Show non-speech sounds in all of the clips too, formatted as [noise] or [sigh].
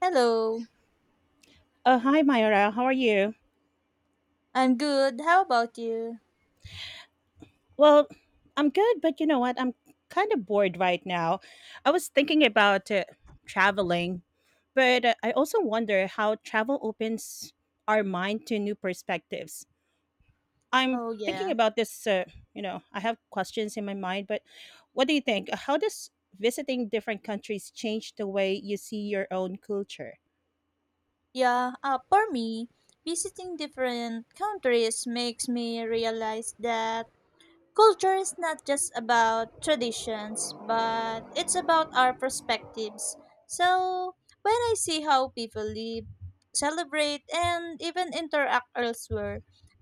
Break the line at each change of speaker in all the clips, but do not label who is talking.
Hello,
Hi, Myra. How are you?
I'm good. How about you?
Well, I'm good, but you know what? I'm kind of bored right now. I was thinking about traveling, but I also wonder how travel opens our mind to new perspectives. I'm
Oh,
thinking
yeah.
about this. You know, I have questions in my mind, but what do you think? How does visiting different countries change the way you see your own culture?
Yeah, for me, visiting different countries makes me realize that culture is not just about traditions, but it's about our perspectives. So, when I see how people live, celebrate, and even interact elsewhere,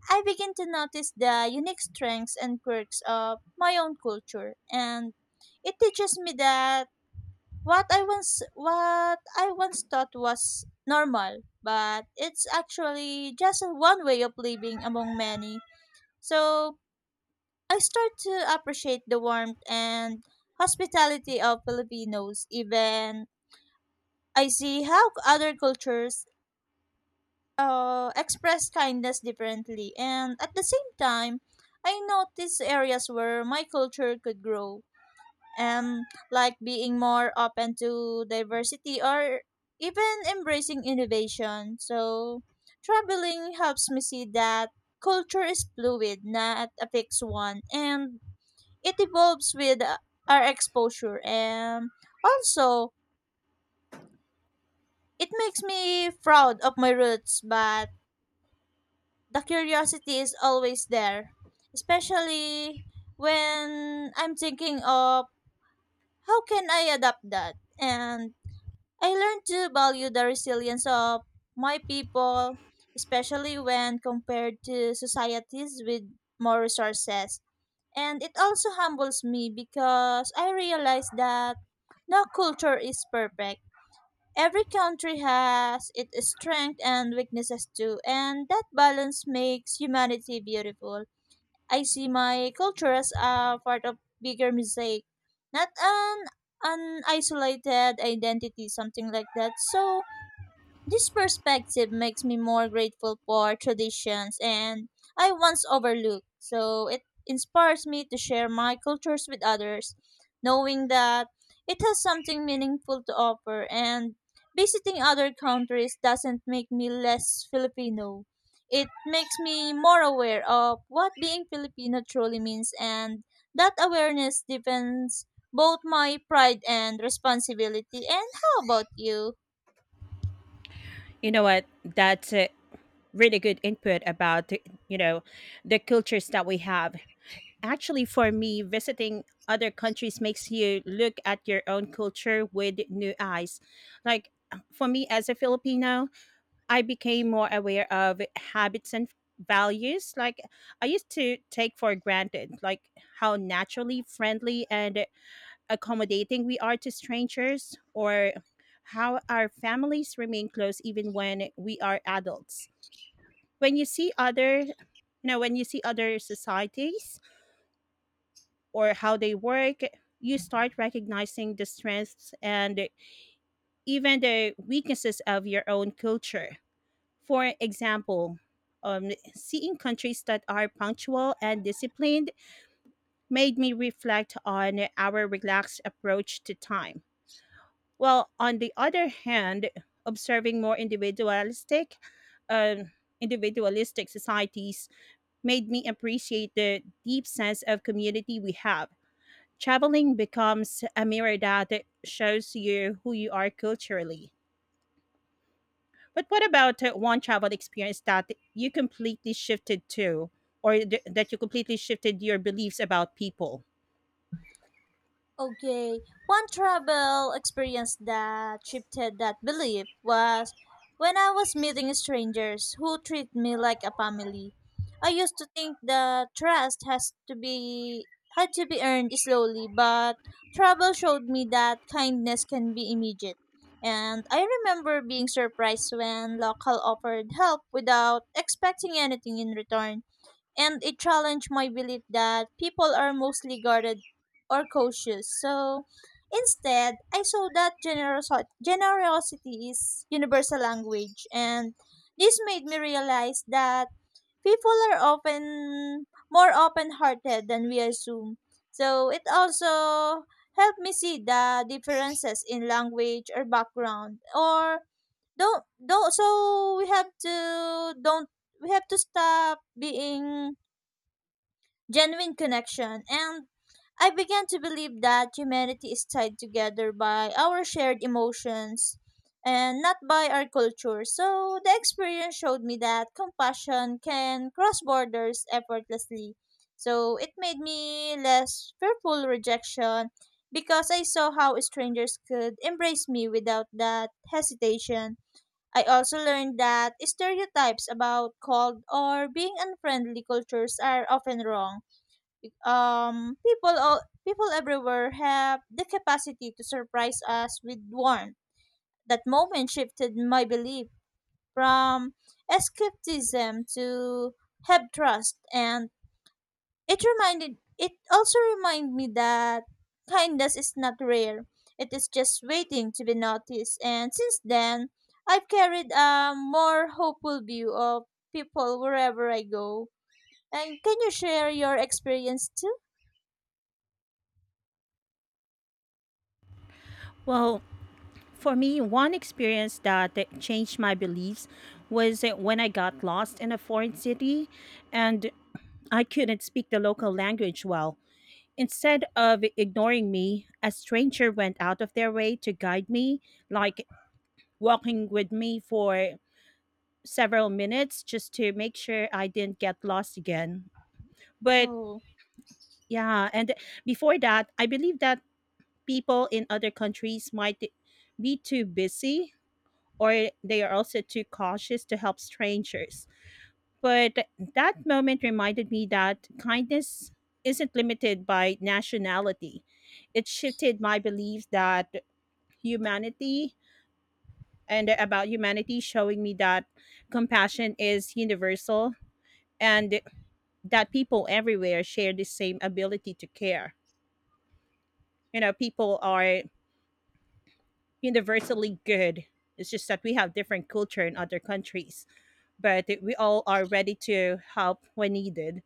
I begin to notice the unique strengths and quirks of my own culture, and it teaches me that what I once thought was normal, but it's actually just one way of living among many. So I start to appreciate the warmth and hospitality of Filipinos. Even I see how other cultures express kindness differently, and at the same time, I notice areas where my culture could grow, um like being more open to diversity or even embracing innovation. So traveling helps me see that culture is fluid, not a fixed one, and it evolves with our exposure, and also it makes me proud of my roots, but the curiosity is always there, especially when I'm thinking of how can I adapt that. And I learned to value the resilience of my people, especially when compared to societies with more resources. And it also humbles me because I realize that no culture is perfect. Every country has its strengths and weaknesses too, and that balance makes humanity beautiful. I see my culture as a part of bigger mosaic, not an isolated identity, something like that. So this perspective makes me more grateful for traditions and I once overlooked. So it inspires me to share my cultures with others, knowing that it has something meaningful to offer, and visiting other countries doesn't make me less Filipino. It makes me more aware of what being Filipino truly means, and that awareness deepens both my pride and responsibility. And how about you?
You know what? That's really good input about you know the cultures that we have. Actually, for me, visiting other countries makes you look at your own culture with new eyes. Like, for me, as a filipino, I became more aware of habits and values like I used to take for granted, like how naturally friendly and accommodating we are to strangers, or how our families remain close even when we are adults. When you see other you know when you see other societies or how they work, you start recognizing the strengths and even the weaknesses of your own culture. For example, seeing countries that are punctual and disciplined made me reflect on our relaxed approach to time. Well, on the other hand, observing more um, individualistic societies made me appreciate the deep sense of community we have. Traveling becomes a mirror that shows you who you are culturally. But what about one travel experience that you completely shifted to, or that you completely shifted your beliefs about people?
Okay, one travel experience that shifted that belief was when I was meeting strangers who treat me like a family. I used to think that trust has to be had to be earned slowly, but travel showed me that kindness can be immediate. And I remember being surprised when local offered help without expecting anything in return, and it challenged my belief that people are mostly guarded or cautious. So instead, I saw that generosity is universal language, and this made me realize that people are often more open-hearted than we assume. So it also helped me see the differences in language or background, or don't. So we have to don't we have to stop being genuine connection. And I began to believe that humanity is tied together by our shared emotions and not by our culture. So the experience showed me that compassion can cross borders effortlessly. So it made me less fearful rejection because I saw how strangers could embrace me without that hesitation. I also learned that stereotypes about cold or being unfriendly cultures are often wrong. um, people all People everywhere have the capacity to surprise us with warmth. That moment shifted my belief from skepticism to have trust, and it also reminded me that kindness is not rare. It is just waiting to be noticed. And since then, I've carried a more hopeful view of people wherever I go. And can you share your experience too?
Well, for me, one experience that changed my beliefs was when I got lost in a foreign city and I couldn't speak the local language well. Instead of ignoring me, a stranger went out of their way to guide me, like walking with me for several minutes just to make sure I didn't get lost again. But
Oh.
yeah, and before that, I believe that people in other countries might be too busy, or they are also too cautious to help strangers. But that moment reminded me that kindness isn't limited by nationality. It shifted my belief that humanity, and about humanity, showing me that compassion is universal and that people everywhere share the same ability to care. You know, people are universally good. It's just that we have different culture in other countries, but we all are ready to help when needed.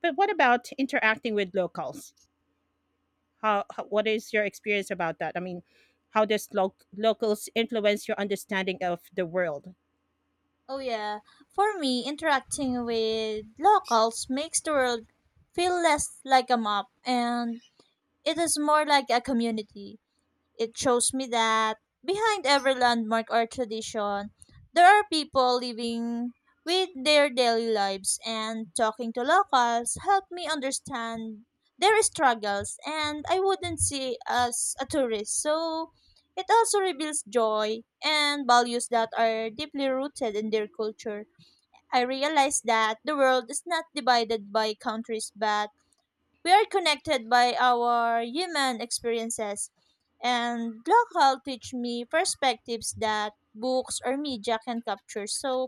But what about interacting with locals? How, what is your experience about that? I mean, how does locals influence your understanding of the world?
Oh yeah, for me, interacting with locals makes the world feel less like a map, and it is more like a community. It shows me that behind every landmark or tradition, there are people living with their daily lives, and talking to locals helped me understand their struggles and I wouldn't see as a tourist. So it also reveals joy and values that are deeply rooted in their culture. I realized that the world is not divided by countries, but we are connected by our human experiences, and local teach me perspectives that books or media can capture. So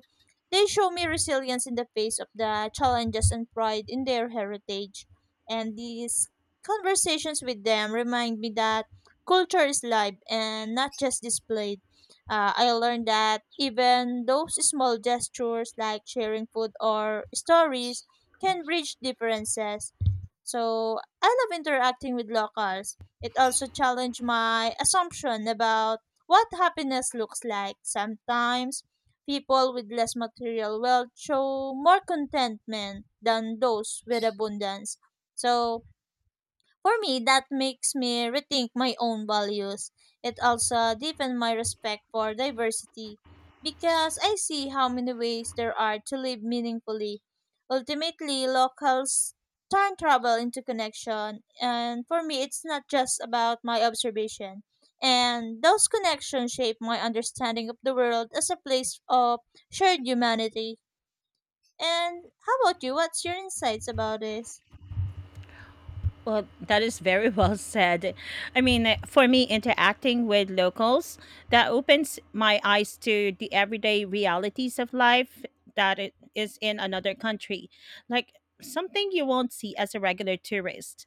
they show me resilience in the face of the challenges and pride in their heritage. And these conversations with them remind me that culture is live and not just displayed. I learned that even those small gestures like sharing food or stories can bridge differences. So I love interacting with locals. It also challenged my assumption about what happiness looks like. Sometimes people with less material wealth show more contentment than those with abundance. So for me, that makes me rethink my own values. It also deepens my respect for diversity because I see how many ways there are to live meaningfully. Ultimately, locals turn travel into connection, and for me, it's not just about my observation. And those connections shape my understanding of the world as a place of shared humanity. And how about you? What's your insights about this?
Well, that is very [laughs] well said. I mean, for me, interacting with locals, that opens my eyes to the everyday realities of life that it is in another country, like something you won't see as a regular tourist.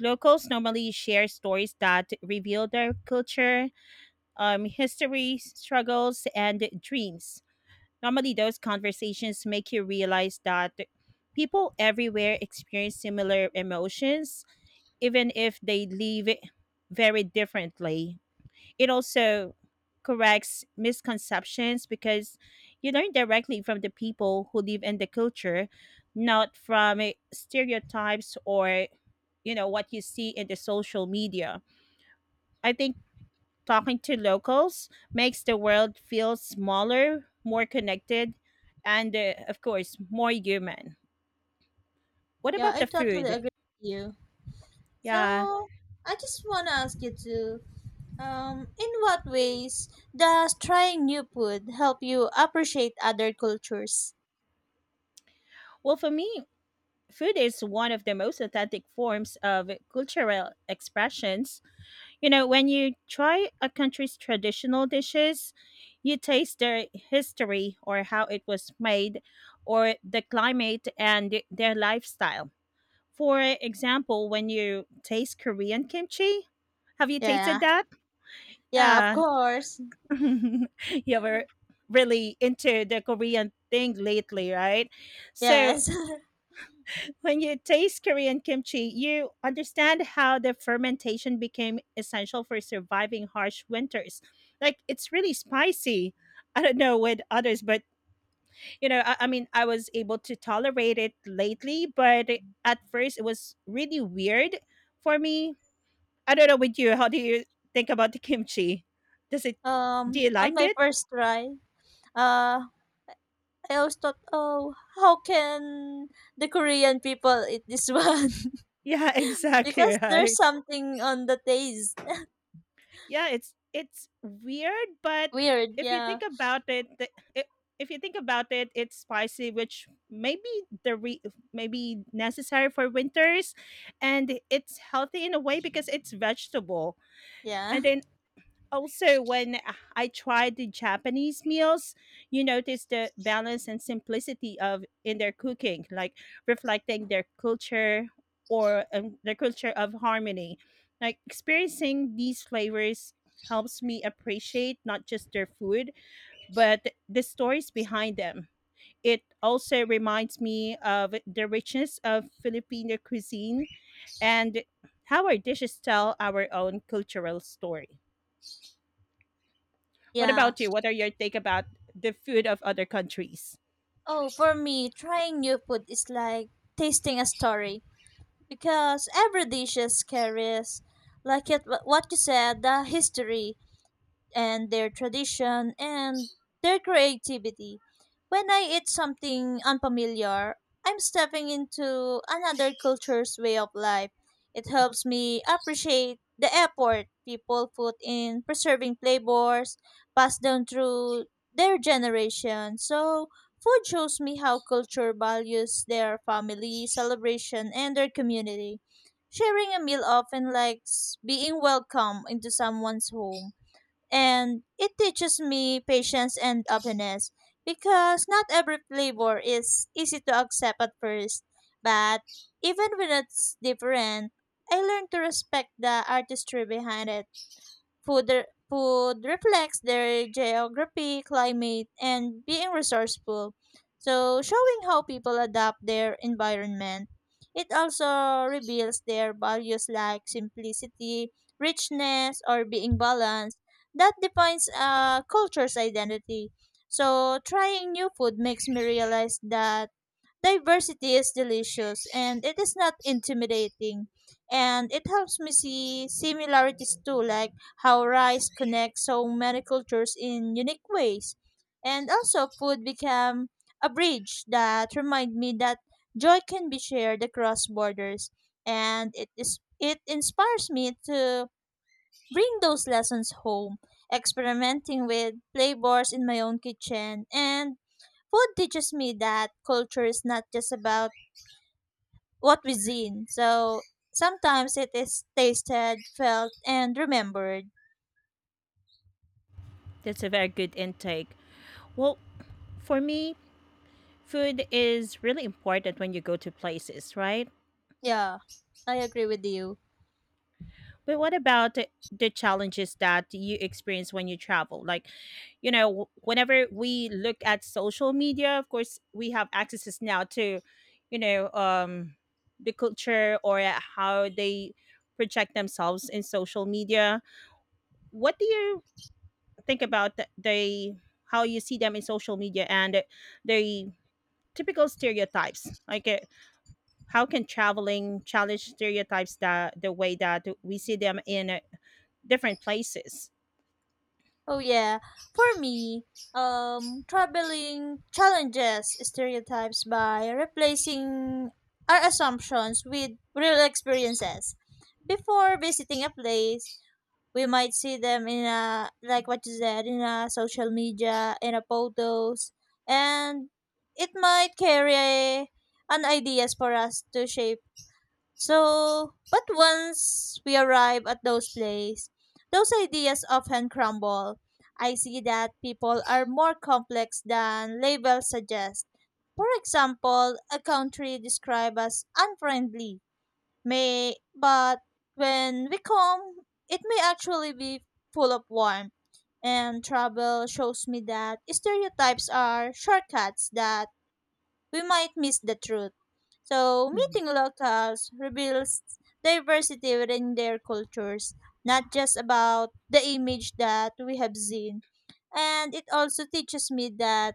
Locals normally share stories that reveal their culture, history, struggles, and dreams. Normally, those conversations make you realize that people everywhere experience similar emotions even if they live it very differently. It also corrects misconceptions because you learn directly from the people who live in the culture, not from stereotypes or you know what you see in the social media. I think talking to locals makes the world feel smaller, more connected, and of course more human. What
Yeah,
about
I
the
totally
food?
agree with you.
Yeah.
So I just want to ask you too. In what ways does trying new food help you appreciate other cultures?
Well, for me, food is one of the most authentic forms of cultural expressions. You know, when you try a country's traditional dishes, you taste their history or how it was made, or the climate and their lifestyle. For example, when you taste Korean kimchi, have you tasted
Yeah,
that?
yeah, of
Uh,
course.
[laughs] you were really into the Korean thing lately, right? So
Yes. [laughs]
when you taste Korean kimchi, you understand how the fermentation became essential for surviving harsh winters. Like, it's really spicy. I don't know with others, but you know, I mean, I was able to tolerate it lately, but at first it was really weird for me. I don't know with you. How do you think about the kimchi? Does it, do you
On
like
my
it?
first try, uh, I always thought, oh, how can the Korean people eat this one?
Yeah, [laughs]
[laughs]
exactly
Because there's
right.
something on the taste.
Yeah, it's weird, but
Weird.
if you think
Yeah.
about it, the, I if you think about it, it's spicy, which maybe the re- maybe necessary for winters, and it's healthy in a way because it's vegetable.
Yeah.
And then also when I tried the Japanese meals, you notice the balance and simplicity of in their cooking, like reflecting their culture or their culture of harmony. Like experiencing these flavors helps me appreciate not just their food, but the stories behind them. It also reminds me of the richness of Filipino cuisine and how our dishes tell our own cultural story. What
Yeah.
about you? What are your take about the food of other countries?
Oh, for me, trying new food is like tasting a story, because every dishes carries like it, what you said, the history and their tradition and their creativity. When I eat something unfamiliar, I'm stepping into another culture's way of life. It helps me appreciate the effort people put in preserving flavors passed down through their generation. So, food shows me how culture values their family, celebration, and their community. Sharing a meal often likes being welcome into someone's home, and it teaches me patience and openness because not every flavor is easy to accept at first. But even when it's different, I learn to respect the artistry behind it. Food reflects their geography, climate, and being resourceful. So, showing how people adapt their environment. It also reveals their values like simplicity, richness, or being balanced. That defines a culture's identity. So, trying new food makes me realize that diversity is delicious and it is not intimidating. And it helps me see similarities too, like how rice connects so many cultures in unique ways. And also, food become a bridge that remind me that joy can be shared across borders. And it is it inspires me to bring those lessons home, experimenting with flavors in my own kitchen. And food teaches me that culture is not just about what we seen. So sometimes it is tasted, felt, and remembered.
That's a very good intake. Well, for me, food is really important when you go to places, right?
Yeah, I agree with you.
But what about the challenges that you experience when you travel? Like, you know, whenever we look at social media, of course, we have accesses now to, you know, the culture or how they project themselves in social media. What do you think about the how you see them in social media and the typical stereotypes? Like, how can traveling challenge stereotypes that the way that we see them in different places?
Oh yeah, for me, traveling challenges stereotypes by replacing our assumptions with real experiences. Before visiting a place, we might see them in a like what you said in a social media, in a photos, and it might carry an ideas for us to shape so, but once we arrive at those places, those ideas often crumble. I see that people are more complex than labels suggest. For example, a country described as unfriendly may, but when we come, it may actually be full of warmth. And travel shows me that stereotypes are shortcuts that we might miss the truth. So,
Mhm.
meeting locals reveals diversity within their cultures, not just about the image that we have seen. And it also teaches me that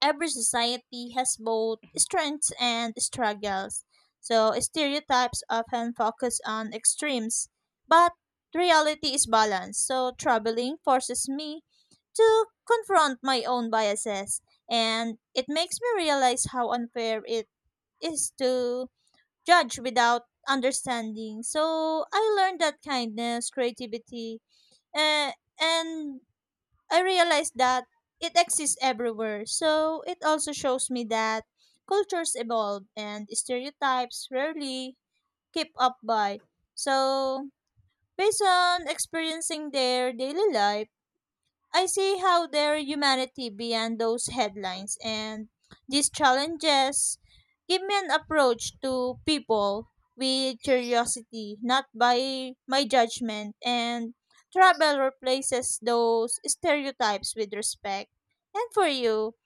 every society has both strengths and struggles. So stereotypes often focus on extremes, but reality is balanced. So traveling forces me to confront my own biases, and it makes me realize how unfair it is to judge without understanding. So I learned that kindness, creativity, uh, and I realized that it exists everywhere. So it also shows me that cultures evolve and stereotypes rarely keep up by. So based on experiencing their daily life, I see how their humanity beyond those headlines, and these challenges give me an approach to people with curiosity, not by my judgment. And travel replaces those stereotypes with respect. And for you,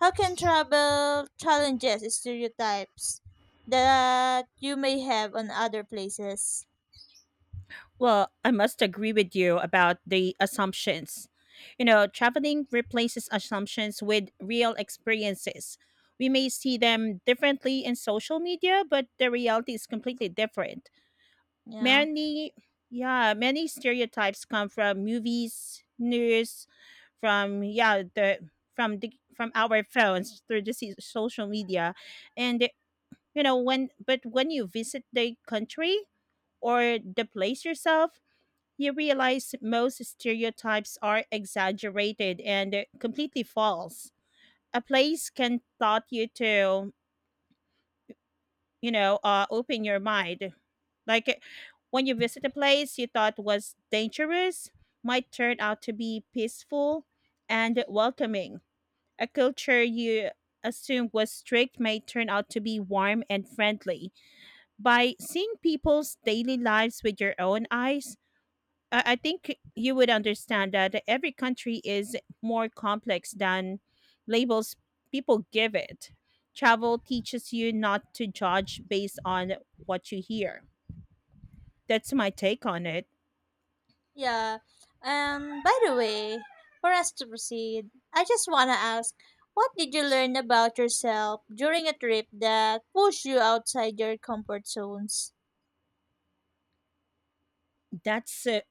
how can travel challenges stereotypes that you may have on other places?
Well, I must agree with you about the assumptions. You know, traveling replaces assumptions with real experiences. We may see them differently in social media, but the reality is completely different.
Yeah.
Many, yeah, many stereotypes come from movies, news, from yeah the from our phones through the social media, and you know when you visit the country or the place yourself. You realize most stereotypes are exaggerated and completely false. A place can taught you to open your mind. Like when you visit a place you thought was dangerous, might turn out to be peaceful and welcoming. A culture you assumed was strict may turn out to be warm and friendly. By seeing people's daily lives with your own eyes, I think you would understand that every country is more complex than labels people give it. Travel teaches you not to judge based on what you hear. That's my take on it.
Yeah. By the way, for us to proceed, I just want to ask, what did you learn about yourself during a trip that pushed you outside your comfort zones?
That's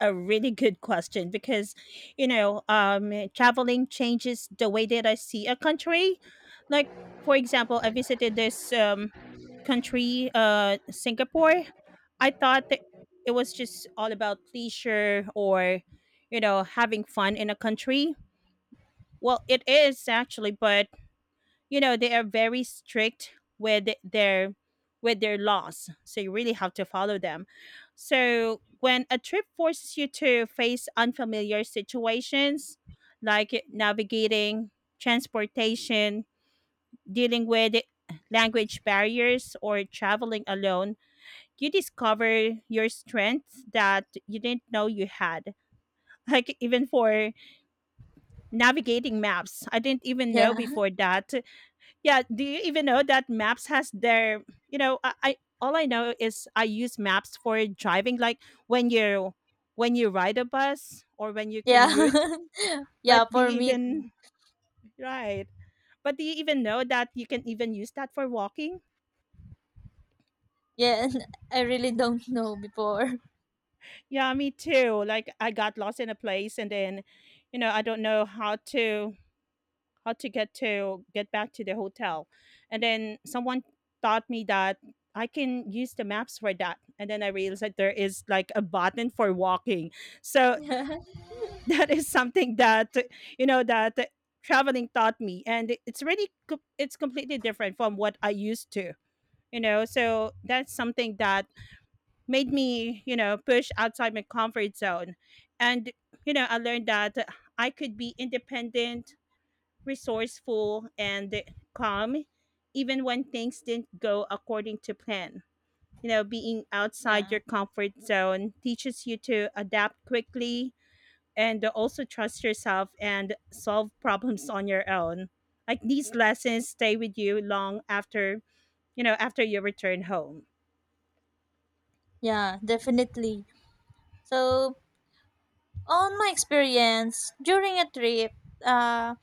a really good question because, you know, traveling changes the way that I see a country. Like, for example, I visited this country, Singapore. I thought that it was just all about leisure or, you know, having fun in a country. Well, it is actually, but you know they are very strict with their laws, so you really have to follow them. So when a trip forces you to face unfamiliar situations, like navigating transportation, dealing with language barriers, or traveling alone, you discover your strengths that you didn't know you had. Like, even for navigating maps, I didn't even know
Yeah. [laughs]
before that. Yeah, do you even know that Maps has their, you know, I all I know is I use Maps for driving, like when you ride a bus or when you
Yeah.
commute,
[laughs]
but
yeah,
do
for
you
me,
even right? But do you even know that you can even use that for walking?
yeah, [laughs] I really don't know before.
Yeah, me too. Like I got lost in a place, and then, you know, I don't know how to how to get back to the hotel, and then someone taught me that I can use the maps for that, and then I realized that there is like a button for walking. So
[laughs] Yeah.
[laughs] that is something that, you know, that traveling taught me, and it's really it's completely different from what I used to, you know. So that's something that made me, you know, push outside my comfort zone. And, you know, I learned that I could be independent, resourceful, and calm even when things didn't go according to plan. You know, being outside your
Yeah.
comfort zone teaches you to adapt quickly and also trust yourself and solve problems on your own. Like these lessons stay with you long after, you know, after you return home.
Yeah, definitely. So, on my experience during a trip, uh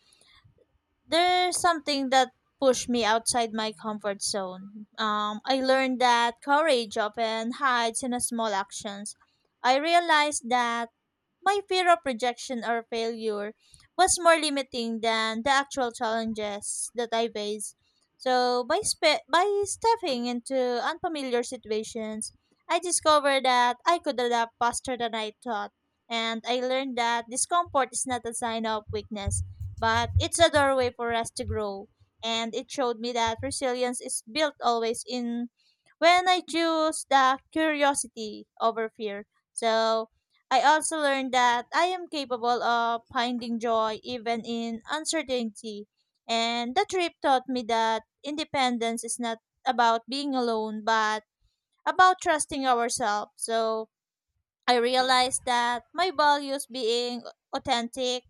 there's something that pushed me outside my comfort zone. I learned that courage often hides in a small actions. I realized that my fear of rejection or failure was more limiting than the actual challenges that I faced. So by stepping into unfamiliar situations, I discovered that I could adapt faster than I thought, and I learned that discomfort is not a sign of weakness, but it's a doorway for us to grow. And it showed me that resilience is built always in when I choose the curiosity over fear. So I also learned that I am capable of finding joy even in uncertainty. And the trip taught me that independence is not about being alone, but about trusting ourselves. So I realized that my values being authentic,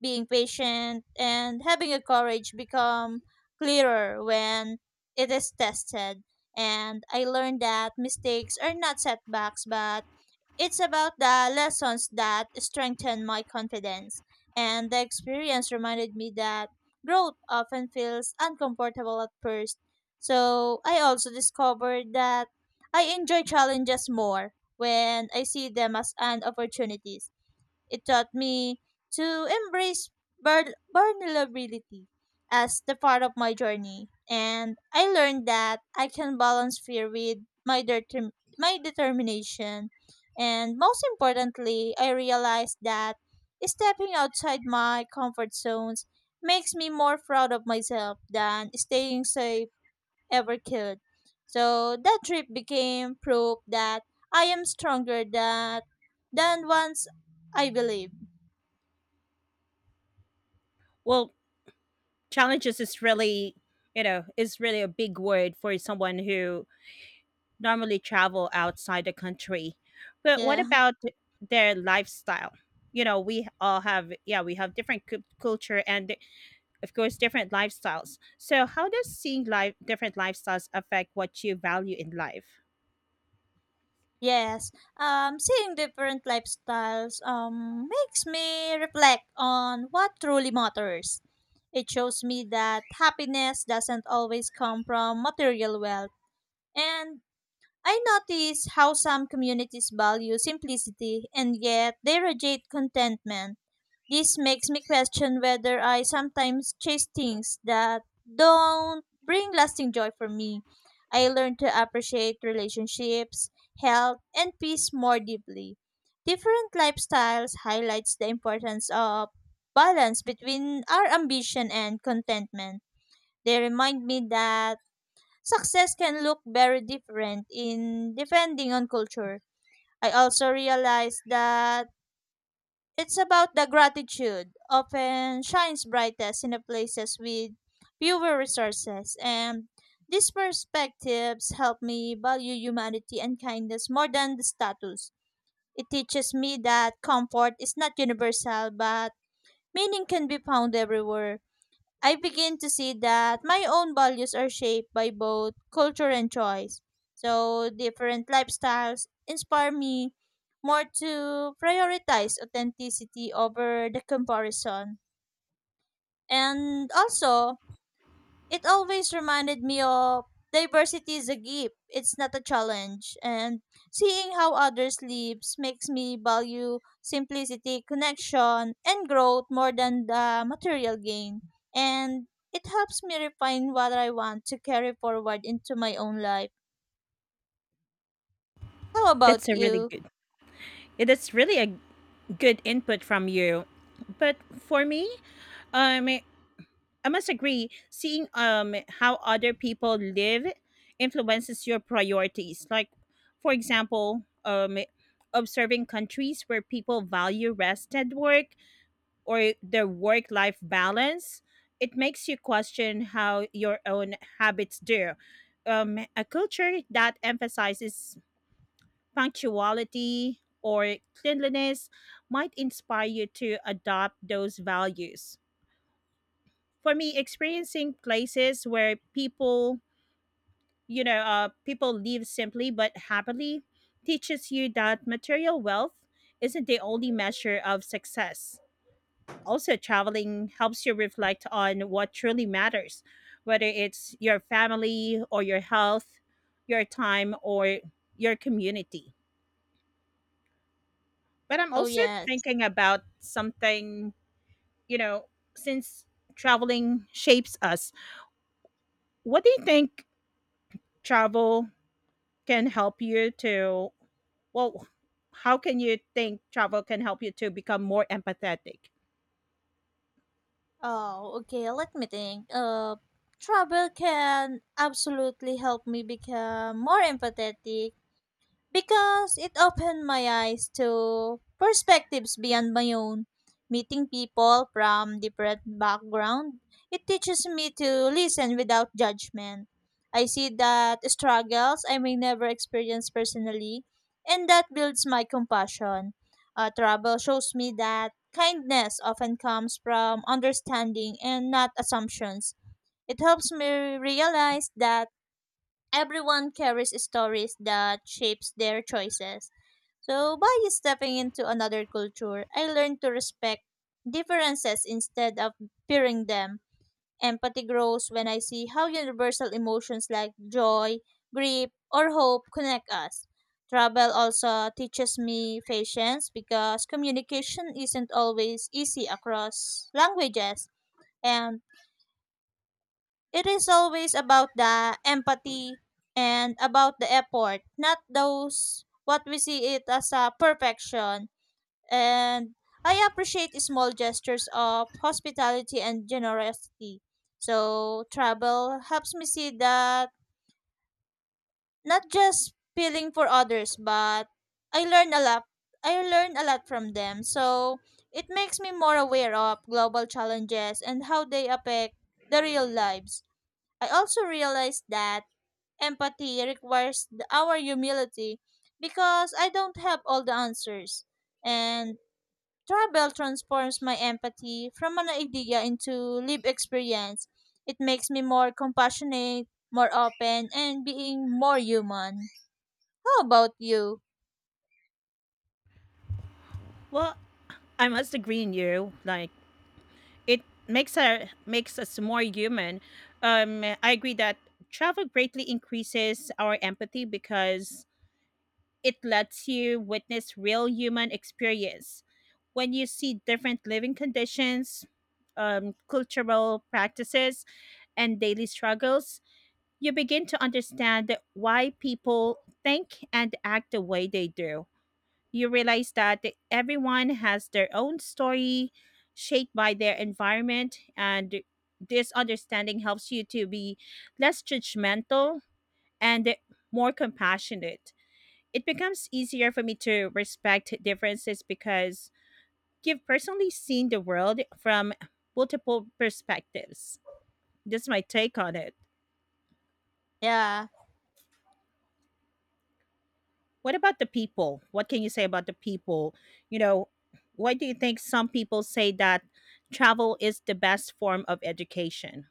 being patient, and having a courage become clearer when it is tested. And I learned that mistakes are not setbacks, but it's about the lessons that strengthened my confidence, and the experience reminded me that growth often feels uncomfortable at first. So I also discovered that I enjoy challenges more when I see them as an opportunity it taught me to embrace vulnerability as the part of my journey, and I learned that I can balance fear with my, determ- my determination. And most importantly, I realized that stepping outside my comfort zones makes me more proud of myself than staying safe ever could. So that trip became proof that I am stronger than once I believe.
Well, challenges is really, you know, is really a big word for someone who normally travel outside the country. But what
Yeah.
about their lifestyle? You know, we all have, yeah, we have different culture and of course, different lifestyles. So, how does seeing life different lifestyles affect what you value in life?
Yes. Seeing different lifestyles makes me reflect on what truly matters. It shows me that happiness doesn't always come from material wealth. And I notice how some communities value simplicity and yet they reject contentment. This makes me question whether I sometimes chase things that don't bring lasting joy for me. I learn to appreciate relationships, health, and peace more deeply. Different lifestyles highlights the importance of balance between our ambition and contentment. They remind me that success can look very different in depending on culture. I also realize that it's about the gratitude often shines brightest in the places with fewer resources and these perspectives help me value humanity and kindness more than the status. It teaches me that comfort is not universal but meaning can be found everywhere. I begin to see that my own values are shaped by both culture and choice. So, different lifestyles inspire me more to prioritize authenticity over the comparison. And also, it always reminded me of diversity is a gift, it's not a challenge. And seeing how others live makes me value simplicity, connection, and growth more than the material gain. And it helps me refine what I want to carry forward into my own life. How about
That's a really
you?
good. It is really a good input from you. But for me, um, I must agree. Seeing how other people live influences your priorities. Like, for example, observing countries where people value rest and work, or their work life balance, it makes you question how your own habits do. A culture that emphasizes punctuality or cleanliness might inspire you to adopt those values. For me, experiencing places where people live simply but happily teaches you that material wealth isn't the only measure of success. Also, traveling helps you reflect on what truly matters, whether it's your family or your health, your time or your community. But I'm
Oh,
also
yes.
thinking about something, you know, since traveling shapes us, what do you think travel can help you well, how can you think travel can help you to become more empathetic?
Oh, okay. Let me think. Travel can absolutely help me become more empathetic because it opened my eyes to perspectives beyond my own. Meeting people from different background, it teaches me to listen without judgment. I see that struggles I may never experience personally, and that builds my compassion. Trouble shows me that kindness often comes from understanding and not assumptions. It helps me realize that everyone carries stories that shapes their choices. So by stepping into another culture, I learned to respect differences instead of fearing them. Empathy grows when I see how universal emotions like joy, grief, or hope connect us. Travel also teaches me patience because communication isn't always easy across languages and it is always about the empathy and about the effort, not those what we see it as a perfection. And I appreciate small gestures of hospitality and generosity. So travel helps me see that not just feeling for others, but I learn a lot. I learn a lot from them. So it makes me more aware of global challenges and how they affect the real lives. I also realized that empathy requires our humility because I don't have all the answers. And travel transforms my empathy from an idea into lived experience. It makes me more compassionate, more open, and being more human. How about you?
Well, I must agree in you. Like it makes us more human. I agree that travel greatly increases our empathy because it lets you witness real human experience. When you see different living conditions, cultural practices, and daily struggles, you begin to understand why people think and act the way they do. You realize that everyone has their own story shaped by their environment, and this understanding helps you to be less judgmental and more compassionate. It becomes easier for me to respect differences because you've personally seen the world from multiple perspectives. That's my take on it.
Yeah.
What about the people? What can you say about the people? You know, why do you think some people say that travel is the best form of education?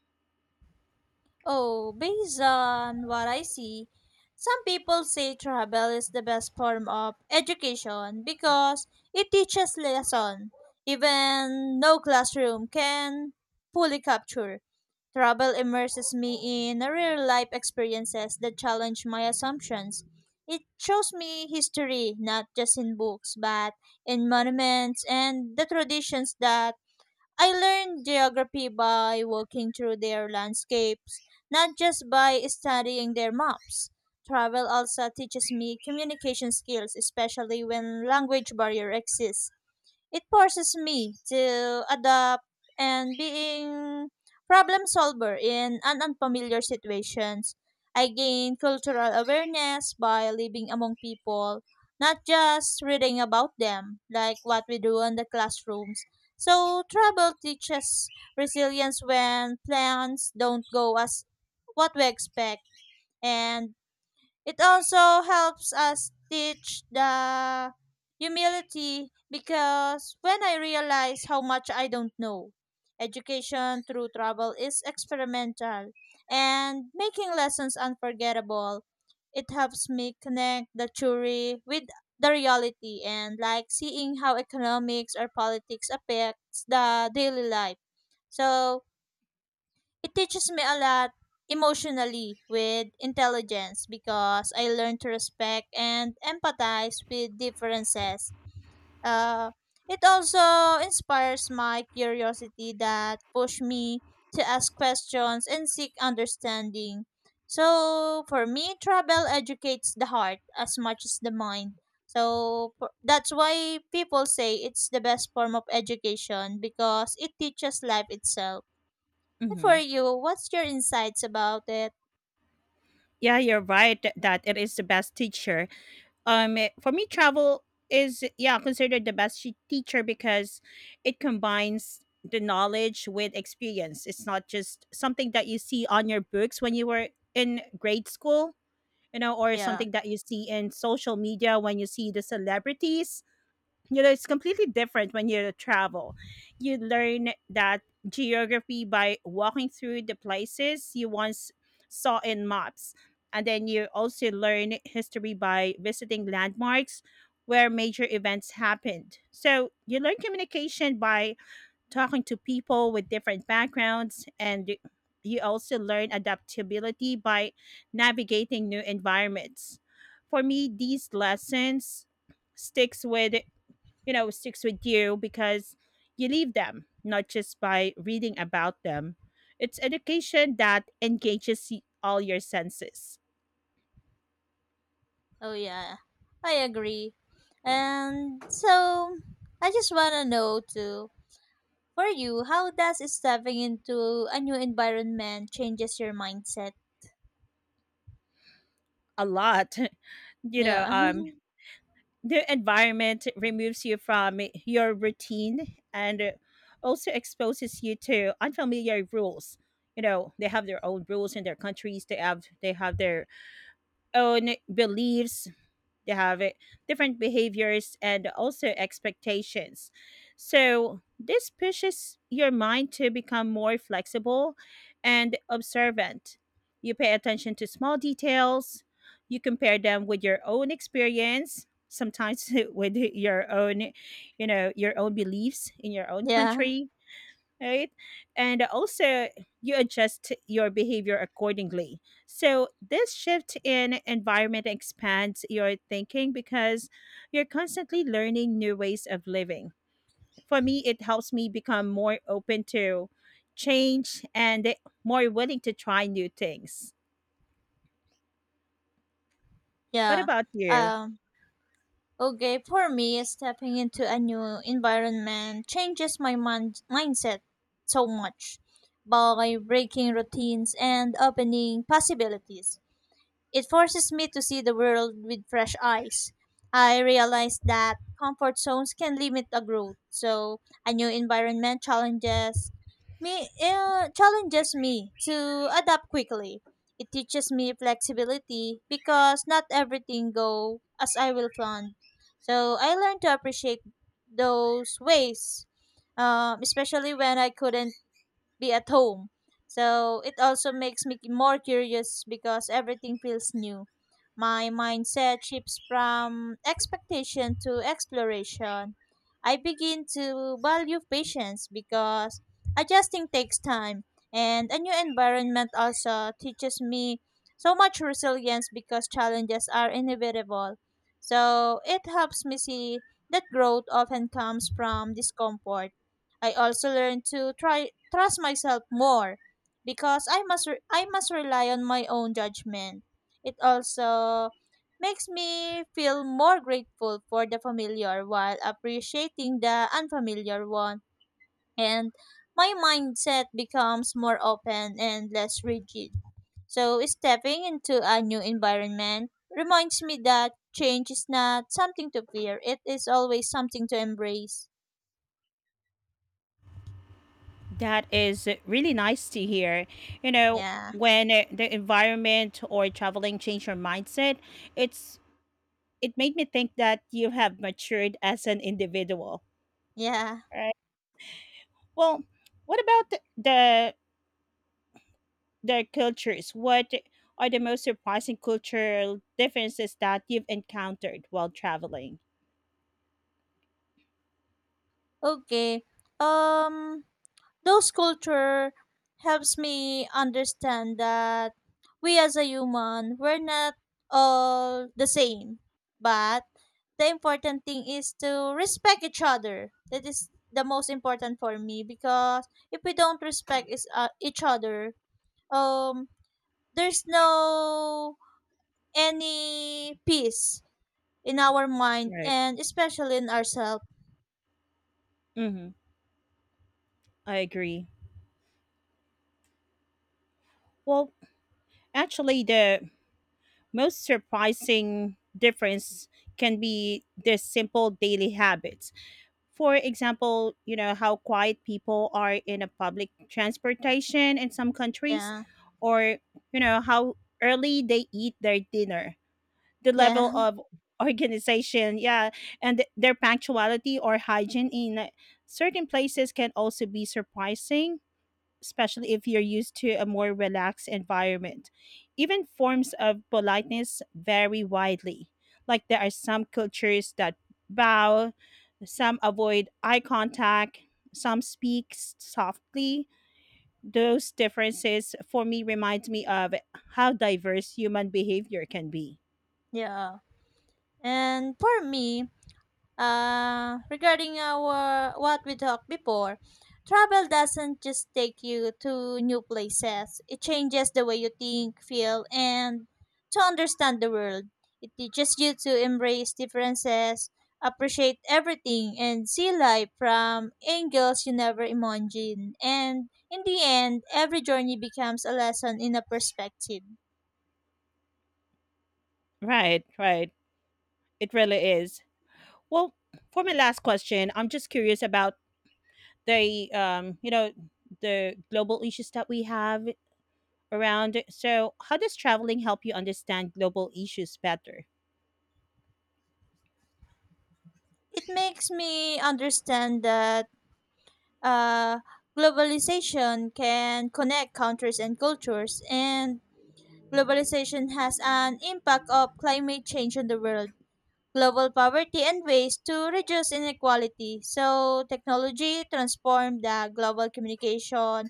Oh, based on what I see, some people say travel is the best form of education because it teaches lesson even no classroom can fully capture. Travel immerses me in real life experiences that challenge my assumptions. It shows me history not just in books but in monuments and the traditions that I learned geography by walking through their landscapes, not just by studying their maps. Travel also teaches me communication skills, especially when language barrier exists. It forces me to adapt and being problem solver in an unfamiliar situations. I gain cultural awareness by living among people, not just reading about them like what we do in the classrooms. So travel teaches resilience when plans don't go as what we expect and it also helps us teach the humility because when I realize how much I don't know, education through travel is experimental and making lessons unforgettable. It helps me connect the theory with the reality and like seeing how economics or politics affects the daily life. So, it teaches me a lot emotionally with intelligence because I learn to respect and empathize with differences. Uh, it also inspires my curiosity that push me to ask questions and seek understanding. So for me, travel educates the heart as much as the mind. That's why people say it's the best form of education because it teaches life itself for
Hmm.
you, what's your insights about it?
Yeah, you're right that it is the best teacher. For me, travel is, yeah, considered the best teacher because it combines the knowledge with experience. It's not just something that you see on your books when you were in grade school, you know, or
Yeah.
something that you see in social media when you see the celebrities. You know, it's completely different when you travel. You learn that geography by walking through the places you once saw in maps, and then you also learn history by visiting landmarks where major events happened. So you learn communication by talking to people with different backgrounds, and you also learn adaptability by navigating new environments. For me, these lessons sticks with sticks with you because you leave them not just by reading about them. It's education that engages all your senses.
Oh yeah. I agree. And so I just wanna know too, for you, how does stepping into a new environment changes your mindset?
A lot. [laughs] You know,
Yeah.
the environment removes you from your routine and also exposes you to unfamiliar rules. You know, they have their own rules in their countries. They have their own beliefs. They have it, different behaviors and also expectations. So this pushes your mind to become more flexible and observant. You pay attention to small details, you compare them with your own experience, sometimes [laughs] with your own, you know, your own beliefs in your
[laughs]
own
yeah.
country, right? And also, you adjust your behavior accordingly. So, this shift in environment expands your thinking because you're constantly learning new ways of living. For me, it helps me become more open to change and more willing to try new things. What
Yeah.
about you?
Um okay, for me stepping into a new environment changes my mindset so much by breaking routines and opening possibilities. It forces me to see the world with fresh eyes. I realize that comfort zones can limit a growth. So a new environment challenges me to adapt quickly. It teaches me flexibility because not everything go as I will plan. So I learned to appreciate those ways, especially when I couldn't be at home. So it also makes me more curious because everything feels new. My mindset shifts from expectation to exploration. I begin to value patience because adjusting takes time, and a new environment also teaches me so much resilience because challenges are inevitable. So it helps me see that growth often comes from discomfort I also learned to try trust myself more because I must rely on my own judgment. It also makes me feel more grateful for the familiar while appreciating the unfamiliar one and my mindset becomes more open and less rigid. So stepping into a new environment reminds me that change is not something to fear. It is always something to embrace.
That is really nice to hear. You know,
Yeah.
when the environment or traveling change your mindset, it's it made me think that you have matured as an individual,
Yeah.
right? Well, what about the cultures? What are the most surprising cultural differences that you've encountered while traveling?
Okay. Um those culture helps me understand that we as a human we're not all the same. But the important thing is to respect each other. That is the most important for me because if we don't respect each other, um there's no any peace in our mind
Right.
and especially in ourselves.
Mm-hmm. I agree. Well, actually, the most surprising difference can be the simple daily habits. For example, you know, how quiet people are in a public transportation in some countries,
Yeah.
or, you know, how early they eat their dinner, the level
Yeah.
of [laughs] organization, yeah, and their punctuality or hygiene in certain places can also be surprising, especially if you're used to a more relaxed environment. Even forms of politeness vary widely. Like, there are some cultures that bow, some avoid eye contact, some speak softly. Those differences for me remind me of how diverse human behavior can be.
[laughs] Yeah. And for me, regarding our what we talked before, travel doesn't just take you to new places. It changes the way you think, feel, and to understand the world. It teaches you to embrace differences, appreciate everything, and see life from angles you never imagined. And in the end, every journey becomes a lesson in a perspective.
Right, right. It really is. Well, for my last question, I'm just curious about the um, you know, the global issues that we have around. It. So, how does traveling help you understand global issues better?
It makes me understand that uh, globalization can connect countries and cultures, and globalization has an impact of climate change on the world. Global poverty, and ways to reduce inequality. So, technology transformed the global communication,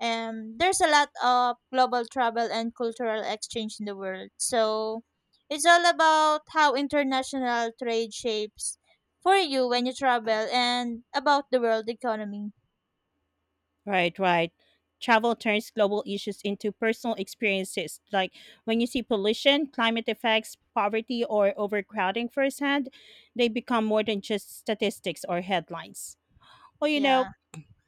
and there's a lot of global travel and cultural exchange in the world. So, it's all about how international trade shapes for you when you travel and about the world economy.
Right, right. Travel turns global issues into personal experiences. Like when you see pollution, climate effects, poverty, or overcrowding firsthand, they become more than just statistics or headlines. Well,
Yeah,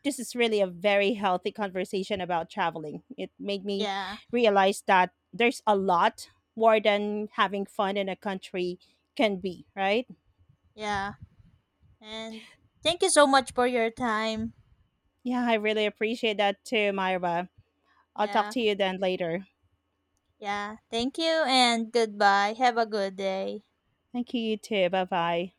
this is really a very healthy conversation about traveling. It made me
yeah,
realize that there's a lot more than having fun in a country can be, right?
yeah. And thank you so much for your time.
Yeah, I really appreciate that too, Myra. I'll talk
Yeah,
to you then later.
yeah. Thank you and goodbye. Have a good day.
Thank you, you too. Bye bye.